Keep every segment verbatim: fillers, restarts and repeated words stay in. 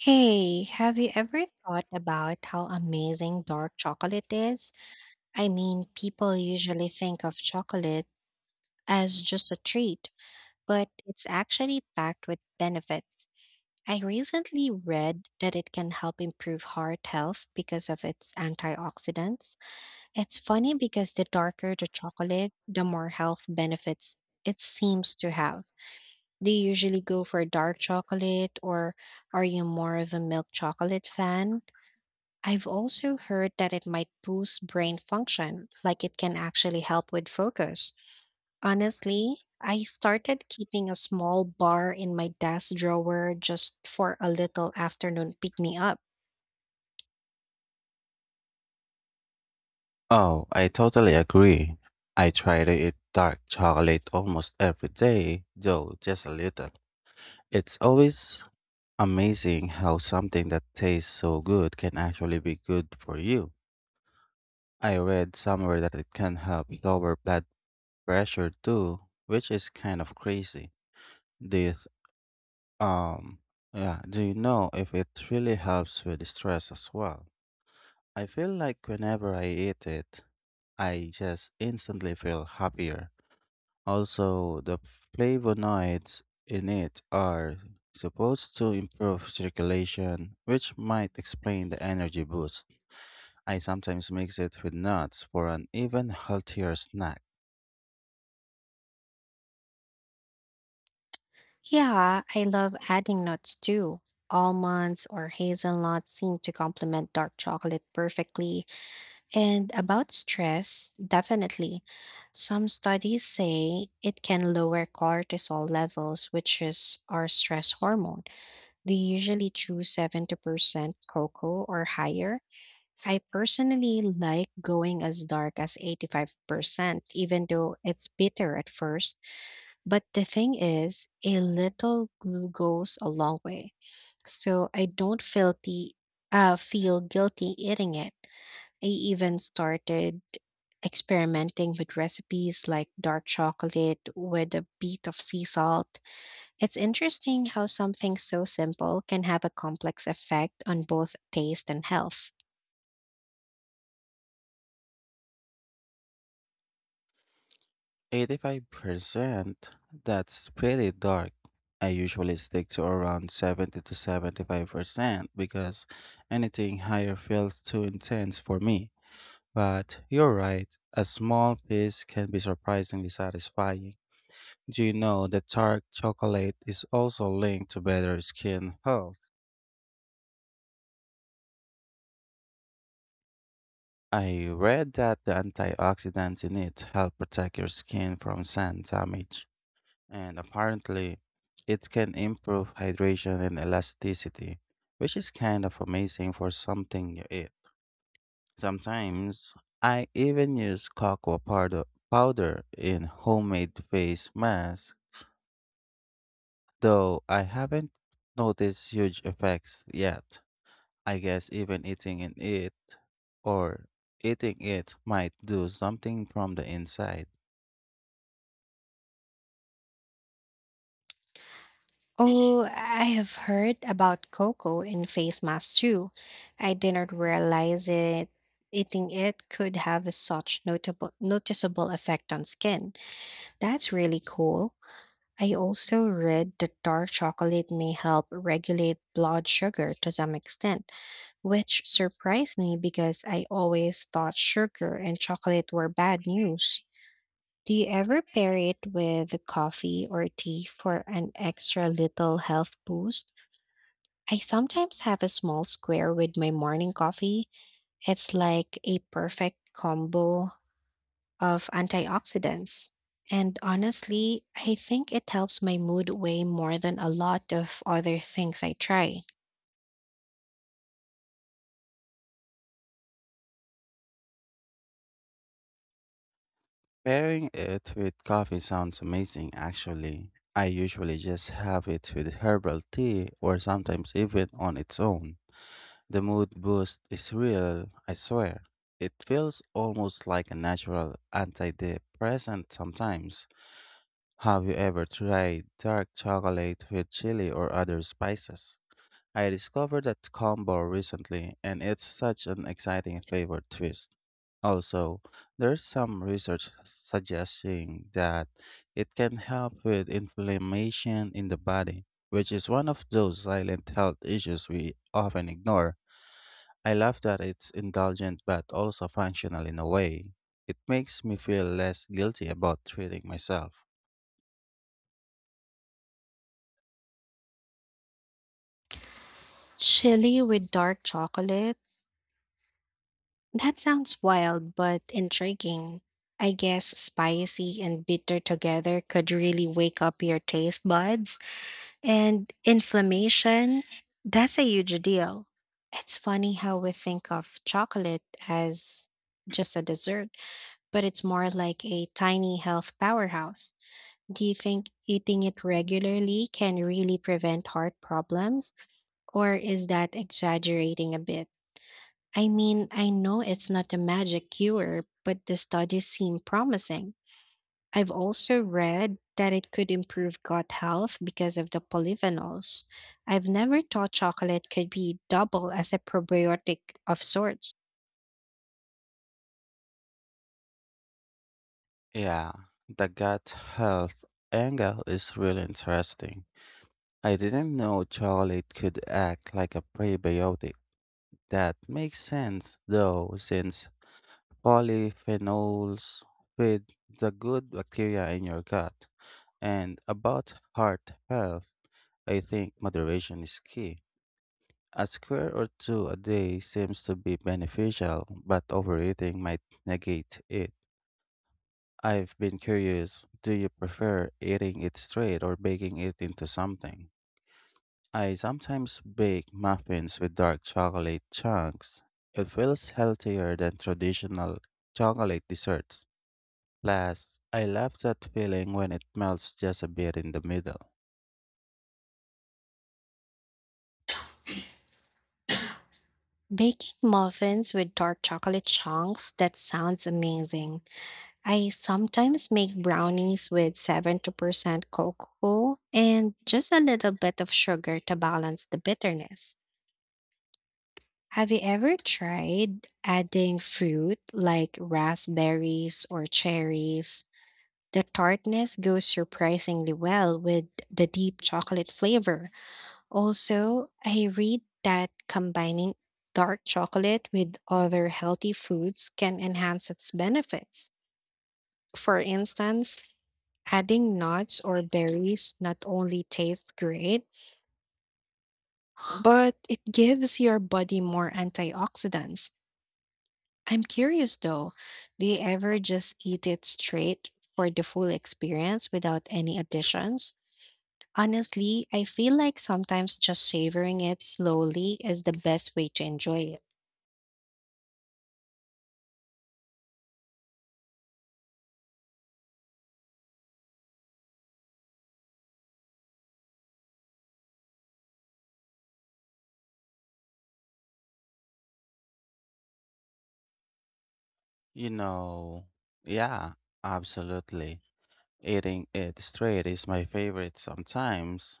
Hey, have you ever thought about how amazing dark chocolate is? I mean, people usually think of chocolate as just a treat, but it's actually packed with benefits. I recently read that it can help improve heart health because of its antioxidants. It's funny because the darker the chocolate, the more health benefits it seems to have. Do you usually go for dark chocolate, or are you more of a milk chocolate fan? I've also heard that it might boost brain function, like it can actually help with focus. Honestly, I started keeping a small bar in my desk drawer just for a little afternoon pick me up. Oh, I totally agree. I try to eat dark chocolate almost every day, though just a little. It's always amazing how something that tastes so good can actually be good for you. I read somewhere that it can help lower blood pressure too, which is kind of crazy. This, um yeah, do you know if it really helps with stress as well? I feel like whenever I eat it, I just instantly feel happier. Also, the flavonoids in it are supposed to improve circulation, which might explain the energy boost. I sometimes mix it with nuts for an even healthier snack. Yeah, I love adding nuts too. Almonds or hazelnuts seem to complement dark chocolate perfectly. And about stress, definitely. Some studies say it can lower cortisol levels, which is our stress hormone. They usually choose seventy percent cocoa or higher. I personally like going as dark as eighty-five percent, even though it's bitter at first. But the thing is, a little gl- goes a long way. So I don't feel, the, uh, feel guilty eating it. I even started experimenting with recipes like dark chocolate with a bit of sea salt. It's interesting how something so simple can have a complex effect on both taste and health. eighty-five percent? That's pretty dark. I usually stick to around seventy to seventy-five percent because anything higher feels too intense for me. But you're right, a small piece can be surprisingly satisfying. Do you know that dark chocolate is also linked to better skin health? I read that the antioxidants in it help protect your skin from sun damage, and apparently, it can improve hydration and elasticity, which is kind of amazing for something you eat. Sometimes, I even use cocoa powder powder in homemade face masks, though I haven't noticed huge effects yet. I guess even eating in it or eating it might do something from the inside. Oh, I have heard about cocoa in face masks too. I didn't realize it eating it could have a such notable noticeable effect on skin. That's really cool. I also read that dark chocolate may help regulate blood sugar to some extent, which surprised me because I always thought sugar and chocolate were bad news. Do you ever pair it with coffee or tea for an extra little health boost? I sometimes have a small square with my morning coffee. It's like a perfect combo of antioxidants. And honestly, I think it helps my mood way more than a lot of other things I try. Pairing it with coffee sounds amazing actually. I usually just have it with herbal tea or sometimes even on its own. The mood boost is real, I swear. It feels almost like a natural antidepressant sometimes. Have you ever tried dark chocolate with chili or other spices? I discovered that combo recently, and it's such an exciting flavor twist. Also, there's some research suggesting that it can help with inflammation in the body, which is one of those silent health issues we often ignore. I love that it's indulgent but also functional in a way. It makes me feel less guilty about treating myself. Chili with dark chocolate. That sounds wild but intriguing. I guess spicy and bitter together could really wake up your taste buds. And inflammation, that's a huge deal. It's funny how we think of chocolate as just a dessert, but it's more like a tiny health powerhouse. Do you think eating it regularly can really prevent heart problems, or is that exaggerating a bit? I mean, I know it's not a magic cure, but the studies seem promising. I've also read that it could improve gut health because of the polyphenols. I've never thought chocolate could be double as a probiotic of sorts. Yeah, the gut health angle is really interesting. I didn't know chocolate could act like a prebiotic. That makes sense, though, since polyphenols feed the good bacteria in your gut. And about heart health, I think moderation is key. A square or two a day seems to be beneficial, but overeating might negate it. I've been curious, do you prefer eating it straight or baking it into something? I sometimes bake muffins with dark chocolate chunks. It feels healthier than traditional chocolate desserts. Plus, I love that feeling when it melts just a bit in the middle. Baking muffins with dark chocolate chunks, that sounds amazing. I sometimes make brownies with seventy percent cocoa and just a little bit of sugar to balance the bitterness. Have you ever tried adding fruit like raspberries or cherries? The tartness goes surprisingly well with the deep chocolate flavor. Also, I read that combining dark chocolate with other healthy foods can enhance its benefits. For instance, adding nuts or berries not only tastes great, but it gives your body more antioxidants. I'm curious though, do you ever just eat it straight for the full experience without any additions? Honestly, I feel like sometimes just savoring it slowly is the best way to enjoy it. You know, yeah, absolutely. Eating it straight is my favorite sometimes.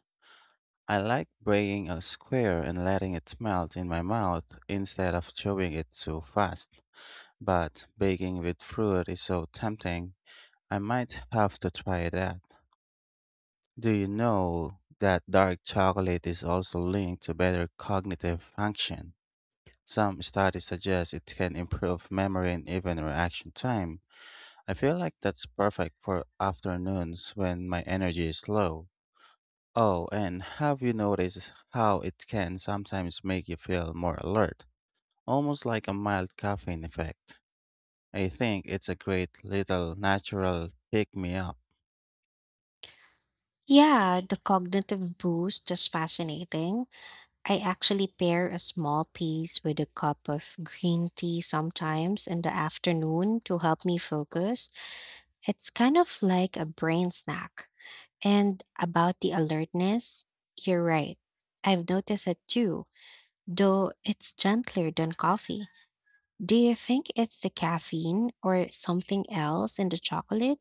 I like breaking a square and letting it melt in my mouth instead of chewing it too fast. But baking with fruit is so tempting. I might have to try that. Do you know that dark chocolate is also linked to better cognitive function? Some studies suggest it can improve memory and even reaction time. I feel like that's perfect for afternoons when my energy is low. Oh, and have you noticed how it can sometimes make you feel more alert? Almost like a mild caffeine effect. I think it's a great little natural pick me up. Yeah, the cognitive boost is fascinating. I actually pair a small piece with a cup of green tea sometimes in the afternoon to help me focus. It's kind of like a brain snack. And about the alertness, you're right. I've noticed it too, though it's gentler than coffee. Do you think it's the caffeine or something else in the chocolate?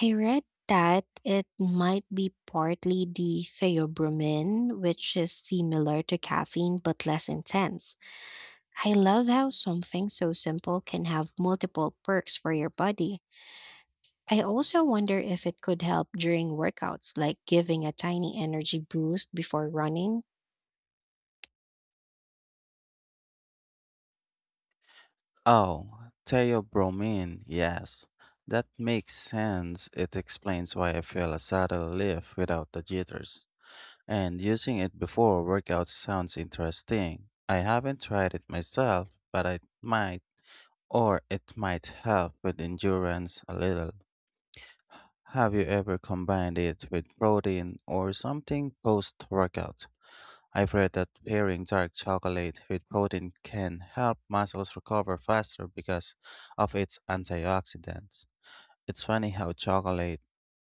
I read that it might be partly the theobromine, which is similar to caffeine but less intense. I love how something so simple can have multiple perks for your body. I also wonder if it could help during workouts, like giving a tiny energy boost before running. Oh, theobromine, yes. That makes sense. It explains why I feel a subtle lift without the jitters. And using it before workouts sounds interesting. I haven't tried it myself, but I might, or it might help with endurance a little. Have you ever combined it with protein or something post workout? I've read that pairing dark chocolate with protein can help muscles recover faster because of its antioxidants. It's funny how chocolate,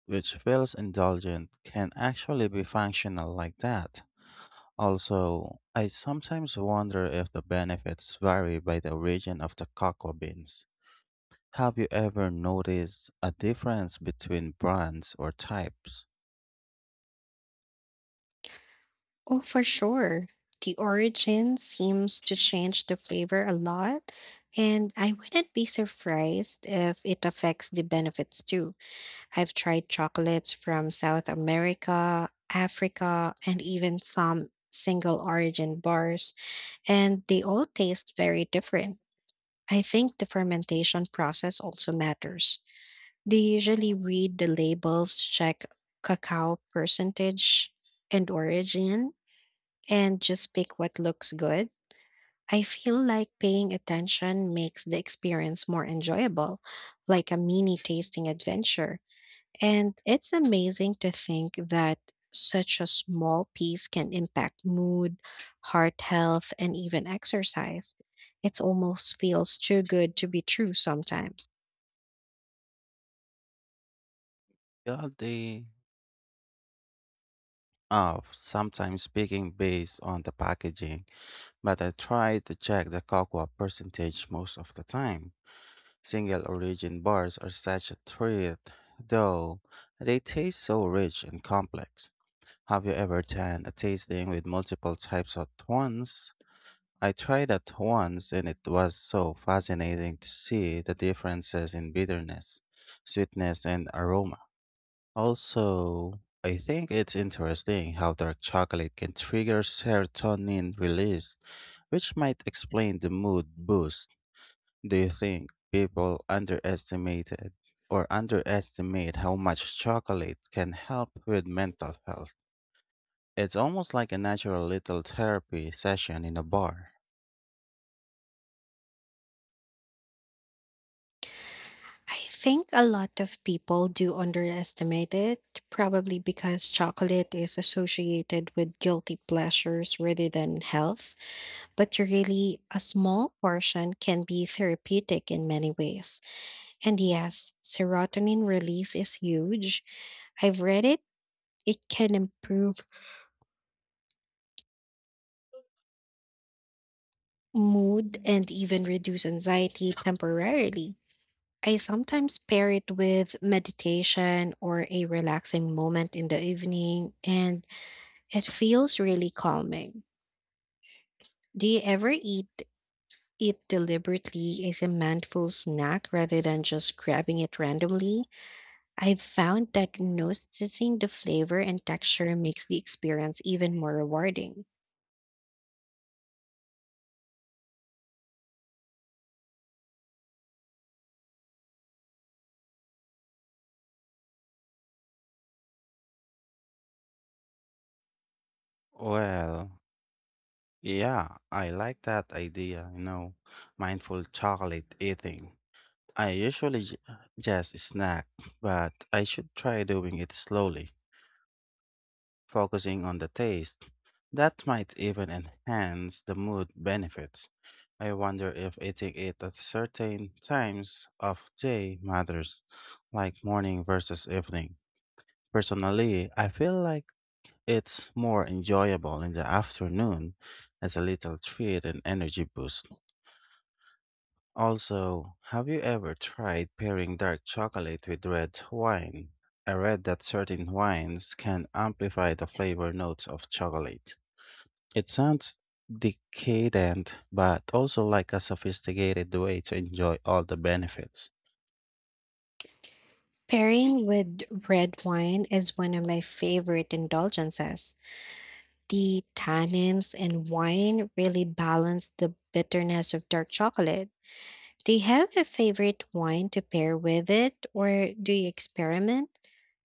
which feels indulgent, can actually be functional like that. Also, I sometimes wonder if the benefits vary by the origin of the cocoa beans. Have you ever noticed a difference between brands or types? Oh, for sure. The origin seems to change the flavor a lot, and I wouldn't be surprised if it affects the benefits too. I've tried chocolates from South America, Africa, and even some single origin bars, and they all taste very different. I think the fermentation process also matters. They usually read the labels to check cacao percentage and origin and just pick what looks good. I feel like paying attention makes the experience more enjoyable, like a mini tasting adventure. And it's amazing to think that such a small piece can impact mood, heart health, and even exercise. It almost feels too good to be true sometimes. Yeah, they are sometimes speaking based on the packaging, but I try to check the cocoa percentage most of the time. Single origin bars are such a treat, though they taste so rich and complex. Have you ever done a tasting with multiple types at once? I tried that once and it was so fascinating to see the differences in bitterness, sweetness, and aroma. Also, I think it's interesting how dark chocolate can trigger serotonin release, which might explain the mood boost. Do you think people underestimated or underestimate how much chocolate can help with mental health? It's almost like a natural little therapy session in a bar. I think a lot of people do underestimate it, probably because chocolate is associated with guilty pleasures rather than health. But really, a small portion can be therapeutic in many ways. And yes, serotonin release is huge. I've read it, it can improve mood and even reduce anxiety temporarily. I sometimes pair it with meditation or a relaxing moment in the evening, and it feels really calming. Do you ever eat it deliberately as a mindful snack rather than just grabbing it randomly? I've found that noticing the flavor and texture makes the experience even more rewarding. Well, yeah, I like that idea, you know, mindful chocolate eating. I usually j- just snack, but I should try doing it slowly, focusing on the taste. That might even enhance the mood benefits. I wonder if eating it at certain times of day matters, like morning versus evening. Personally, I feel like it's more enjoyable in the afternoon as a little treat and energy boost. Also, have you ever tried pairing dark chocolate with red wine? I read that certain wines can amplify the flavor notes of chocolate. It sounds decadent, but also like a sophisticated way to enjoy all the benefits. Pairing with red wine is one of my favorite indulgences. The tannins in wine really balance the bitterness of dark chocolate. Do you have a favorite wine to pair with it, or do you experiment?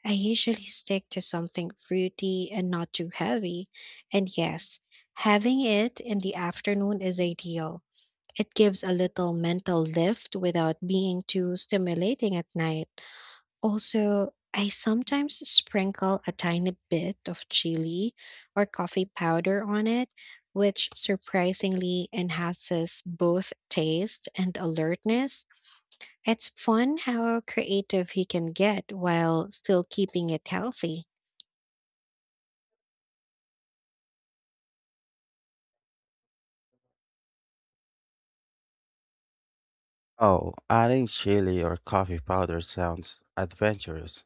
I usually stick to something fruity and not too heavy. And yes, having it in the afternoon is ideal. It gives a little mental lift without being too stimulating at night. Also, I sometimes sprinkle a tiny bit of chili or coffee powder on it, which surprisingly enhances both taste and alertness. It's fun how creative he can get while still keeping it healthy. Oh, adding chili or coffee powder sounds adventurous.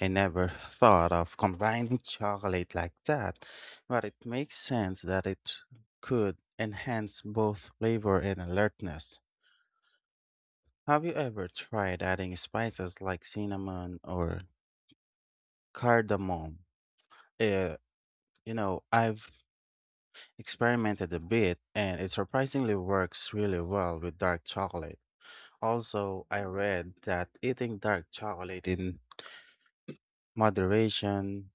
I never thought of combining chocolate like that, but it makes sense that it could enhance both flavor and alertness. Have you ever tried adding spices like cinnamon or cardamom? Uh, you know, I've experimented a bit and it surprisingly works really well with dark chocolate. Also, I read that eating dark chocolate in moderation,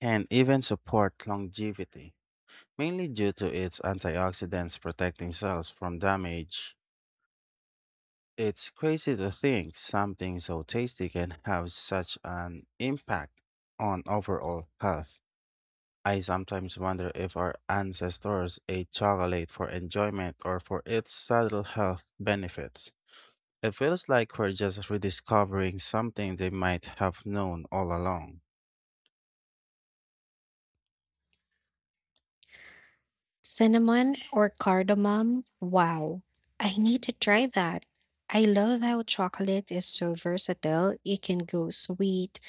and even support longevity, mainly due to its antioxidants protecting cells from damage. It's crazy to think something so tasty can have such an impact on overall health. I sometimes wonder if our ancestors ate chocolate for enjoyment or for its subtle health benefits. It feels like we're just rediscovering something they might have known all along. Cinnamon or cardamom? Wow. I need to try that. I love how chocolate is so versatile. It can go sweet,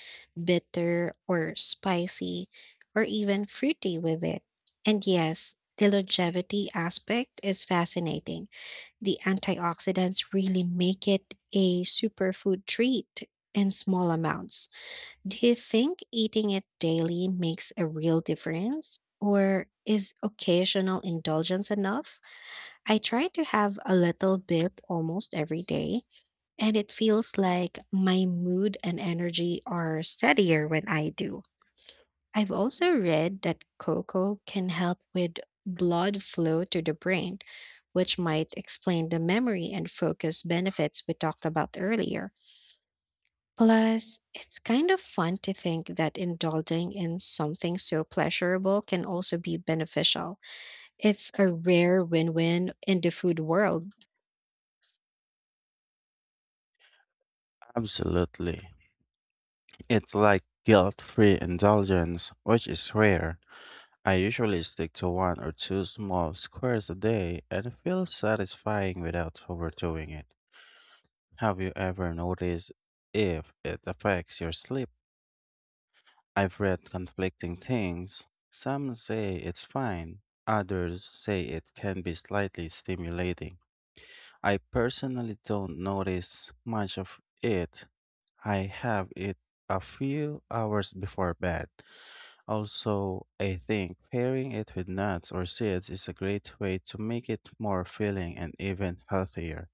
bitter, or spicy, or even fruity with it. And yes, the longevity aspect is fascinating. The antioxidants really make it a superfood treat in small amounts. Do you think eating it daily makes a real difference? Or is occasional indulgence enough? I try to have a little bit almost every day, and it feels like my mood and energy are steadier when I do. I've also read that cocoa can help with blood flow to the brain, which might explain the memory and focus benefits we talked about earlier. Plus, it's kind of fun to think that indulging in something so pleasurable can also be beneficial. It's a rare win win in the food world. Absolutely. It's like guilt-free indulgence, which is rare. I usually stick to one or two small squares a day and it feels satisfying without overdoing it. Have you ever noticed if it affects your sleep? I've read conflicting things. Some say it's fine, others say it can be slightly stimulating. I personally don't notice much of it. I have it a few hours before bed. Also, I think pairing it with nuts or seeds is a great way to make it more filling and even healthier.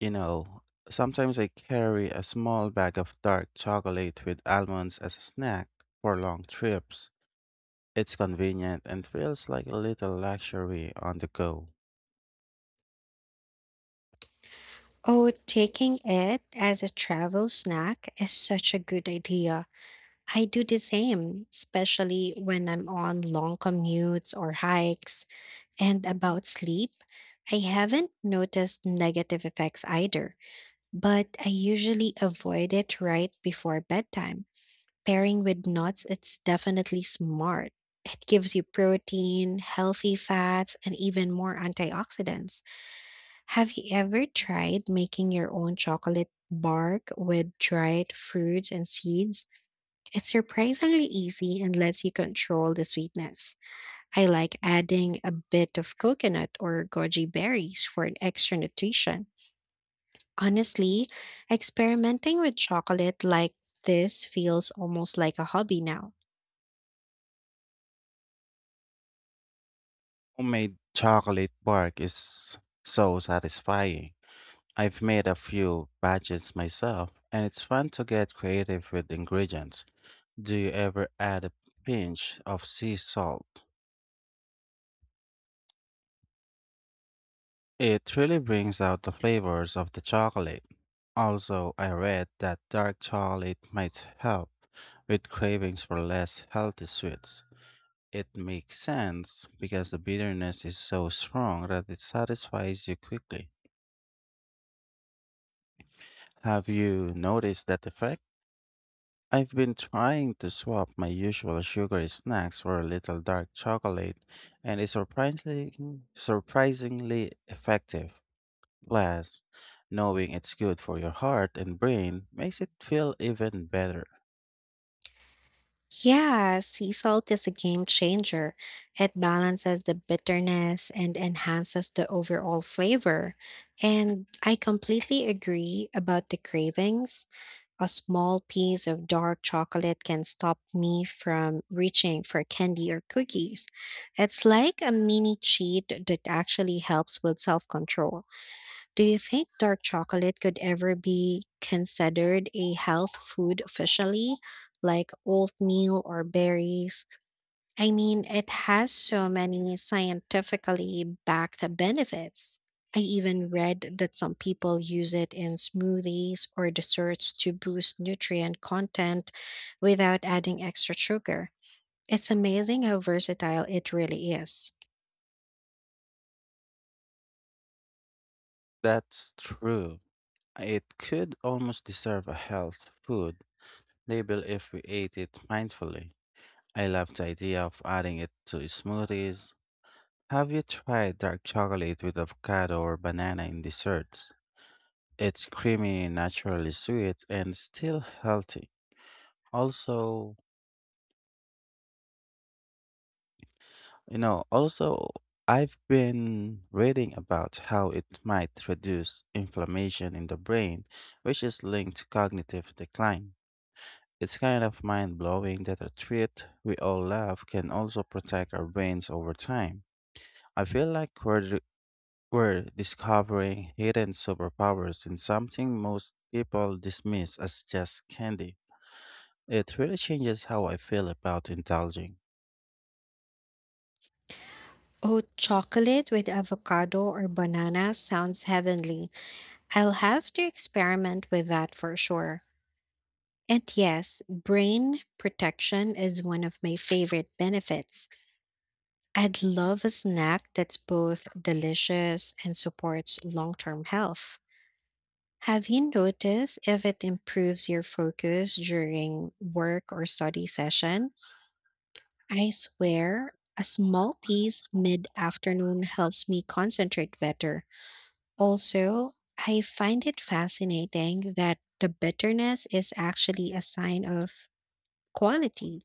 You know, sometimes I carry a small bag of dark chocolate with almonds as a snack for long trips. It's convenient and feels like a little luxury on the go. Oh, taking it as a travel snack is such a good idea. I do the same, especially when I'm on long commutes or hikes. And about sleep, I haven't noticed negative effects either, but I usually avoid it right before bedtime. Pairing with nuts, it's definitely smart. It gives you protein, healthy fats, and even more antioxidants. Have you ever tried making your own chocolate bark with dried fruits and seeds? It's surprisingly easy and lets you control the sweetness. I like adding a bit of coconut or goji berries for an extra nutrition. Honestly, experimenting with chocolate like this feels almost like a hobby now. Homemade chocolate bark is so satisfying. I've made a few batches myself, and it's fun to get creative with ingredients. Do you ever add a pinch of sea salt? It really brings out the flavors of the chocolate. Also, I read that dark chocolate might help with cravings for less healthy sweets. It makes sense because the bitterness is so strong that it satisfies you quickly. Have you noticed that effect? I've been trying to swap my usual sugary snacks for a little dark chocolate, and it's surprisingly surprisingly effective. Plus, knowing it's good for your heart and brain makes it feel even better. Yeah, sea salt is a game changer. It balances the bitterness and enhances the overall flavor. And I completely agree about the cravings. A small piece of dark chocolate can stop me from reaching for candy or cookies. It's like a mini cheat that actually helps with self control. Do you think dark chocolate could ever be considered a health food officially, like oatmeal or berries? I mean, it has so many scientifically backed benefits. I even read that some people use it in smoothies or desserts to boost nutrient content without adding extra sugar. It's amazing how versatile it really is. That's true. It could almost deserve a health food label if we ate it mindfully. I love the idea of adding it to smoothies. Have you tried dark chocolate with avocado or banana in desserts? It's creamy, naturally sweet, and still healthy. Also, you know, also, I've been reading about how it might reduce inflammation in the brain, which is linked to cognitive decline. It's kind of mind blowing that a treat we all love can also protect our brains over time. I feel like we're, d- we're discovering hidden superpowers in something most people dismiss as just candy. It really changes how I feel about indulging. Oh, chocolate with avocado or banana sounds heavenly. I'll have to experiment with that for sure. And yes, brain protection is one of my favorite benefits. I'd love a snack that's both delicious and supports long term health. Have you noticed if it improves your focus during work or study session? I swear, a small piece mid afternoon helps me concentrate better. Also, I find it fascinating that the bitterness is actually a sign of quality.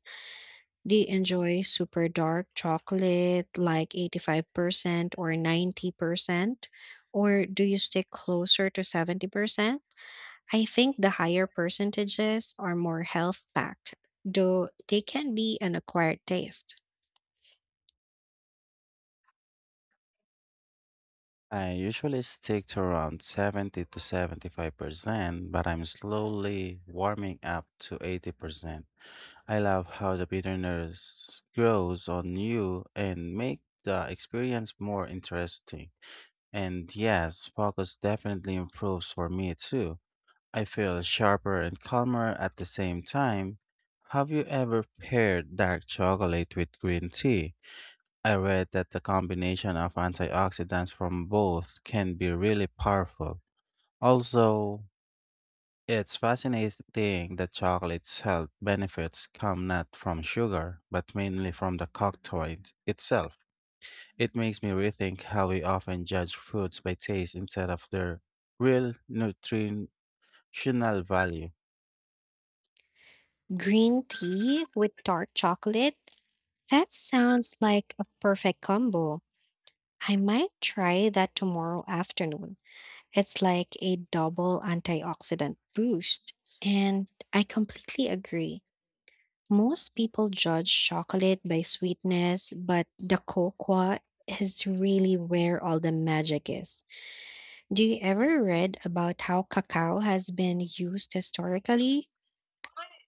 They enjoy super dark chocolate like eighty-five percent or ninety percent, or do you stick closer to seventy percent? I think the higher percentages are more health packed, though they can be an acquired taste. I usually stick to around seventy to seventy-five percent, but I'm slowly warming up to eighty percent. I love how the bitterness grows on you and make the experience more interesting. And yes, focus definitely improves for me too. I feel sharper and calmer at the same time. Have you ever paired dark chocolate with green tea? I read that the combination of antioxidants from both can be really powerful. Also, it's fascinating that chocolate's health benefits come not from sugar, but mainly from the cocktail itself. It makes me rethink how we often judge foods by taste instead of their real nutritional value. Green tea with dark chocolate? That sounds like a perfect combo. I might try that tomorrow afternoon. It's like a double antioxidant boost. And I completely agree. Most people judge chocolate by sweetness, but the cocoa is really where all the magic is. Do you ever read about how cacao has been used historically?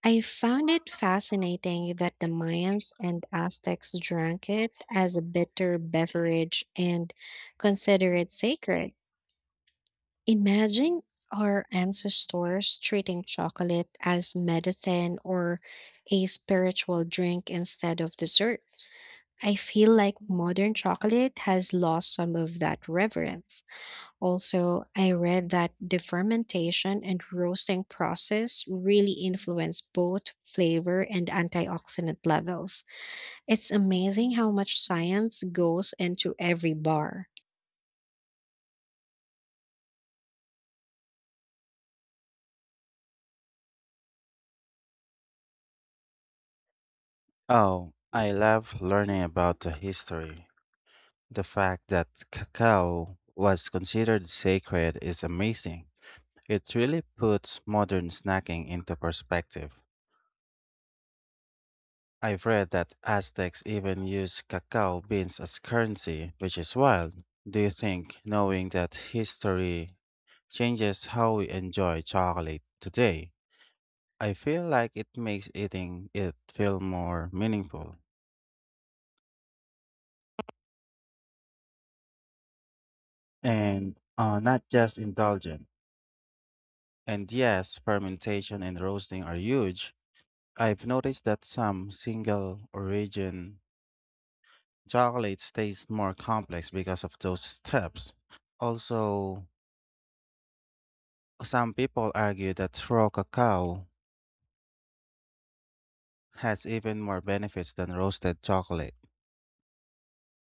I found it fascinating that the Mayans and Aztecs drank it as a bitter beverage and consider it sacred. Imagine our ancestors treating chocolate as medicine or a spiritual drink instead of dessert. I feel like modern chocolate has lost some of that reverence. Also, I read that the fermentation and roasting process really influence both flavor and antioxidant levels. It's amazing how much science goes into every bar. Oh, I love learning about the history. The fact that cacao was considered sacred is amazing. It really puts modern snacking into perspective. I've read that Aztecs even used cacao beans as currency, which is wild. Do you think knowing that history changes how we enjoy chocolate today? I feel like it makes eating it feel more meaningful and uh, not just indulgent. And yes, fermentation and roasting are huge. I've noticed that some single origin chocolate tastes more complex because of those steps. Also, some people argue that raw cacao has even more benefits than roasted chocolate,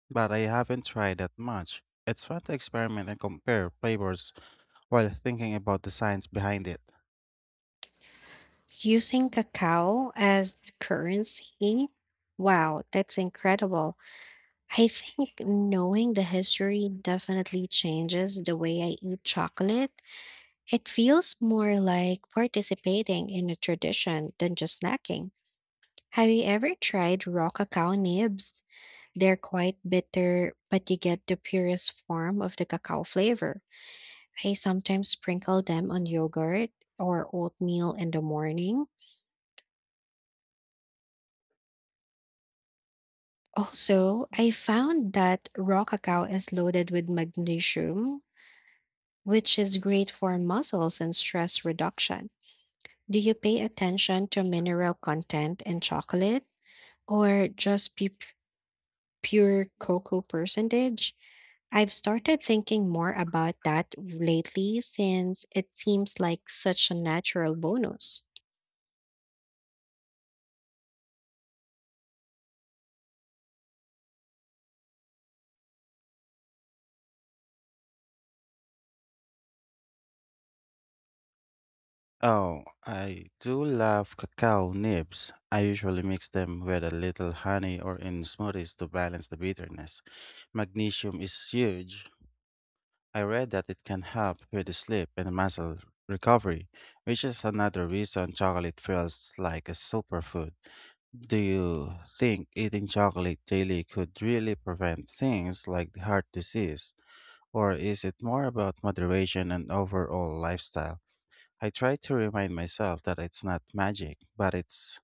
but I haven't tried that much. It's fun to experiment and compare flavors while thinking about the science behind it. Using cacao as currency? Wow, that's incredible. I think knowing the history definitely changes the way I eat chocolate. It feels more like participating in a tradition than just snacking. Have you ever tried raw cacao nibs? They're quite bitter, but you get the purest form of the cacao flavor. I sometimes sprinkle them on yogurt or oatmeal in the morning. Also, I found that raw cacao is loaded with magnesium, which is great for muscles and stress reduction. Do you pay attention to mineral content in chocolate? Or just pu- pure cocoa percentage. I've started thinking more about that lately since it seems like such a natural bonus. Oh, I do love cacao nibs. I usually mix them with a little honey or in smoothies to balance the bitterness. Magnesium is huge. I read that it can help with sleep and muscle recovery, which is another reason chocolate feels like a superfood. Do you think eating chocolate daily could really prevent things like heart disease? Or is it more about moderation and overall lifestyle? I try to remind myself that it's not magic, but it's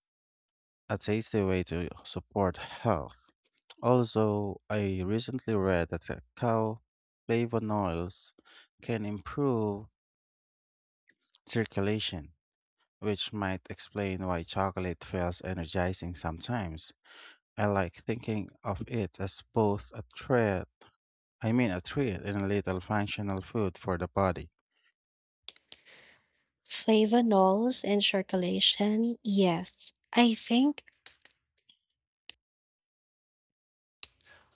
a tasty way to support health. Also, I recently read that the cow flavonoids can improve circulation, which might explain why chocolate feels energizing sometimes. I like thinking of it as both a treat, I mean a treat and a little functional food for the body. Flavonols and circulation, yes. I think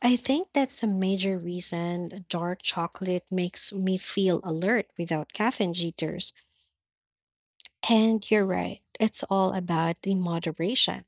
I think that's a major reason dark chocolate makes me feel alert without caffeine jitters. And you're right, it's all about the moderation.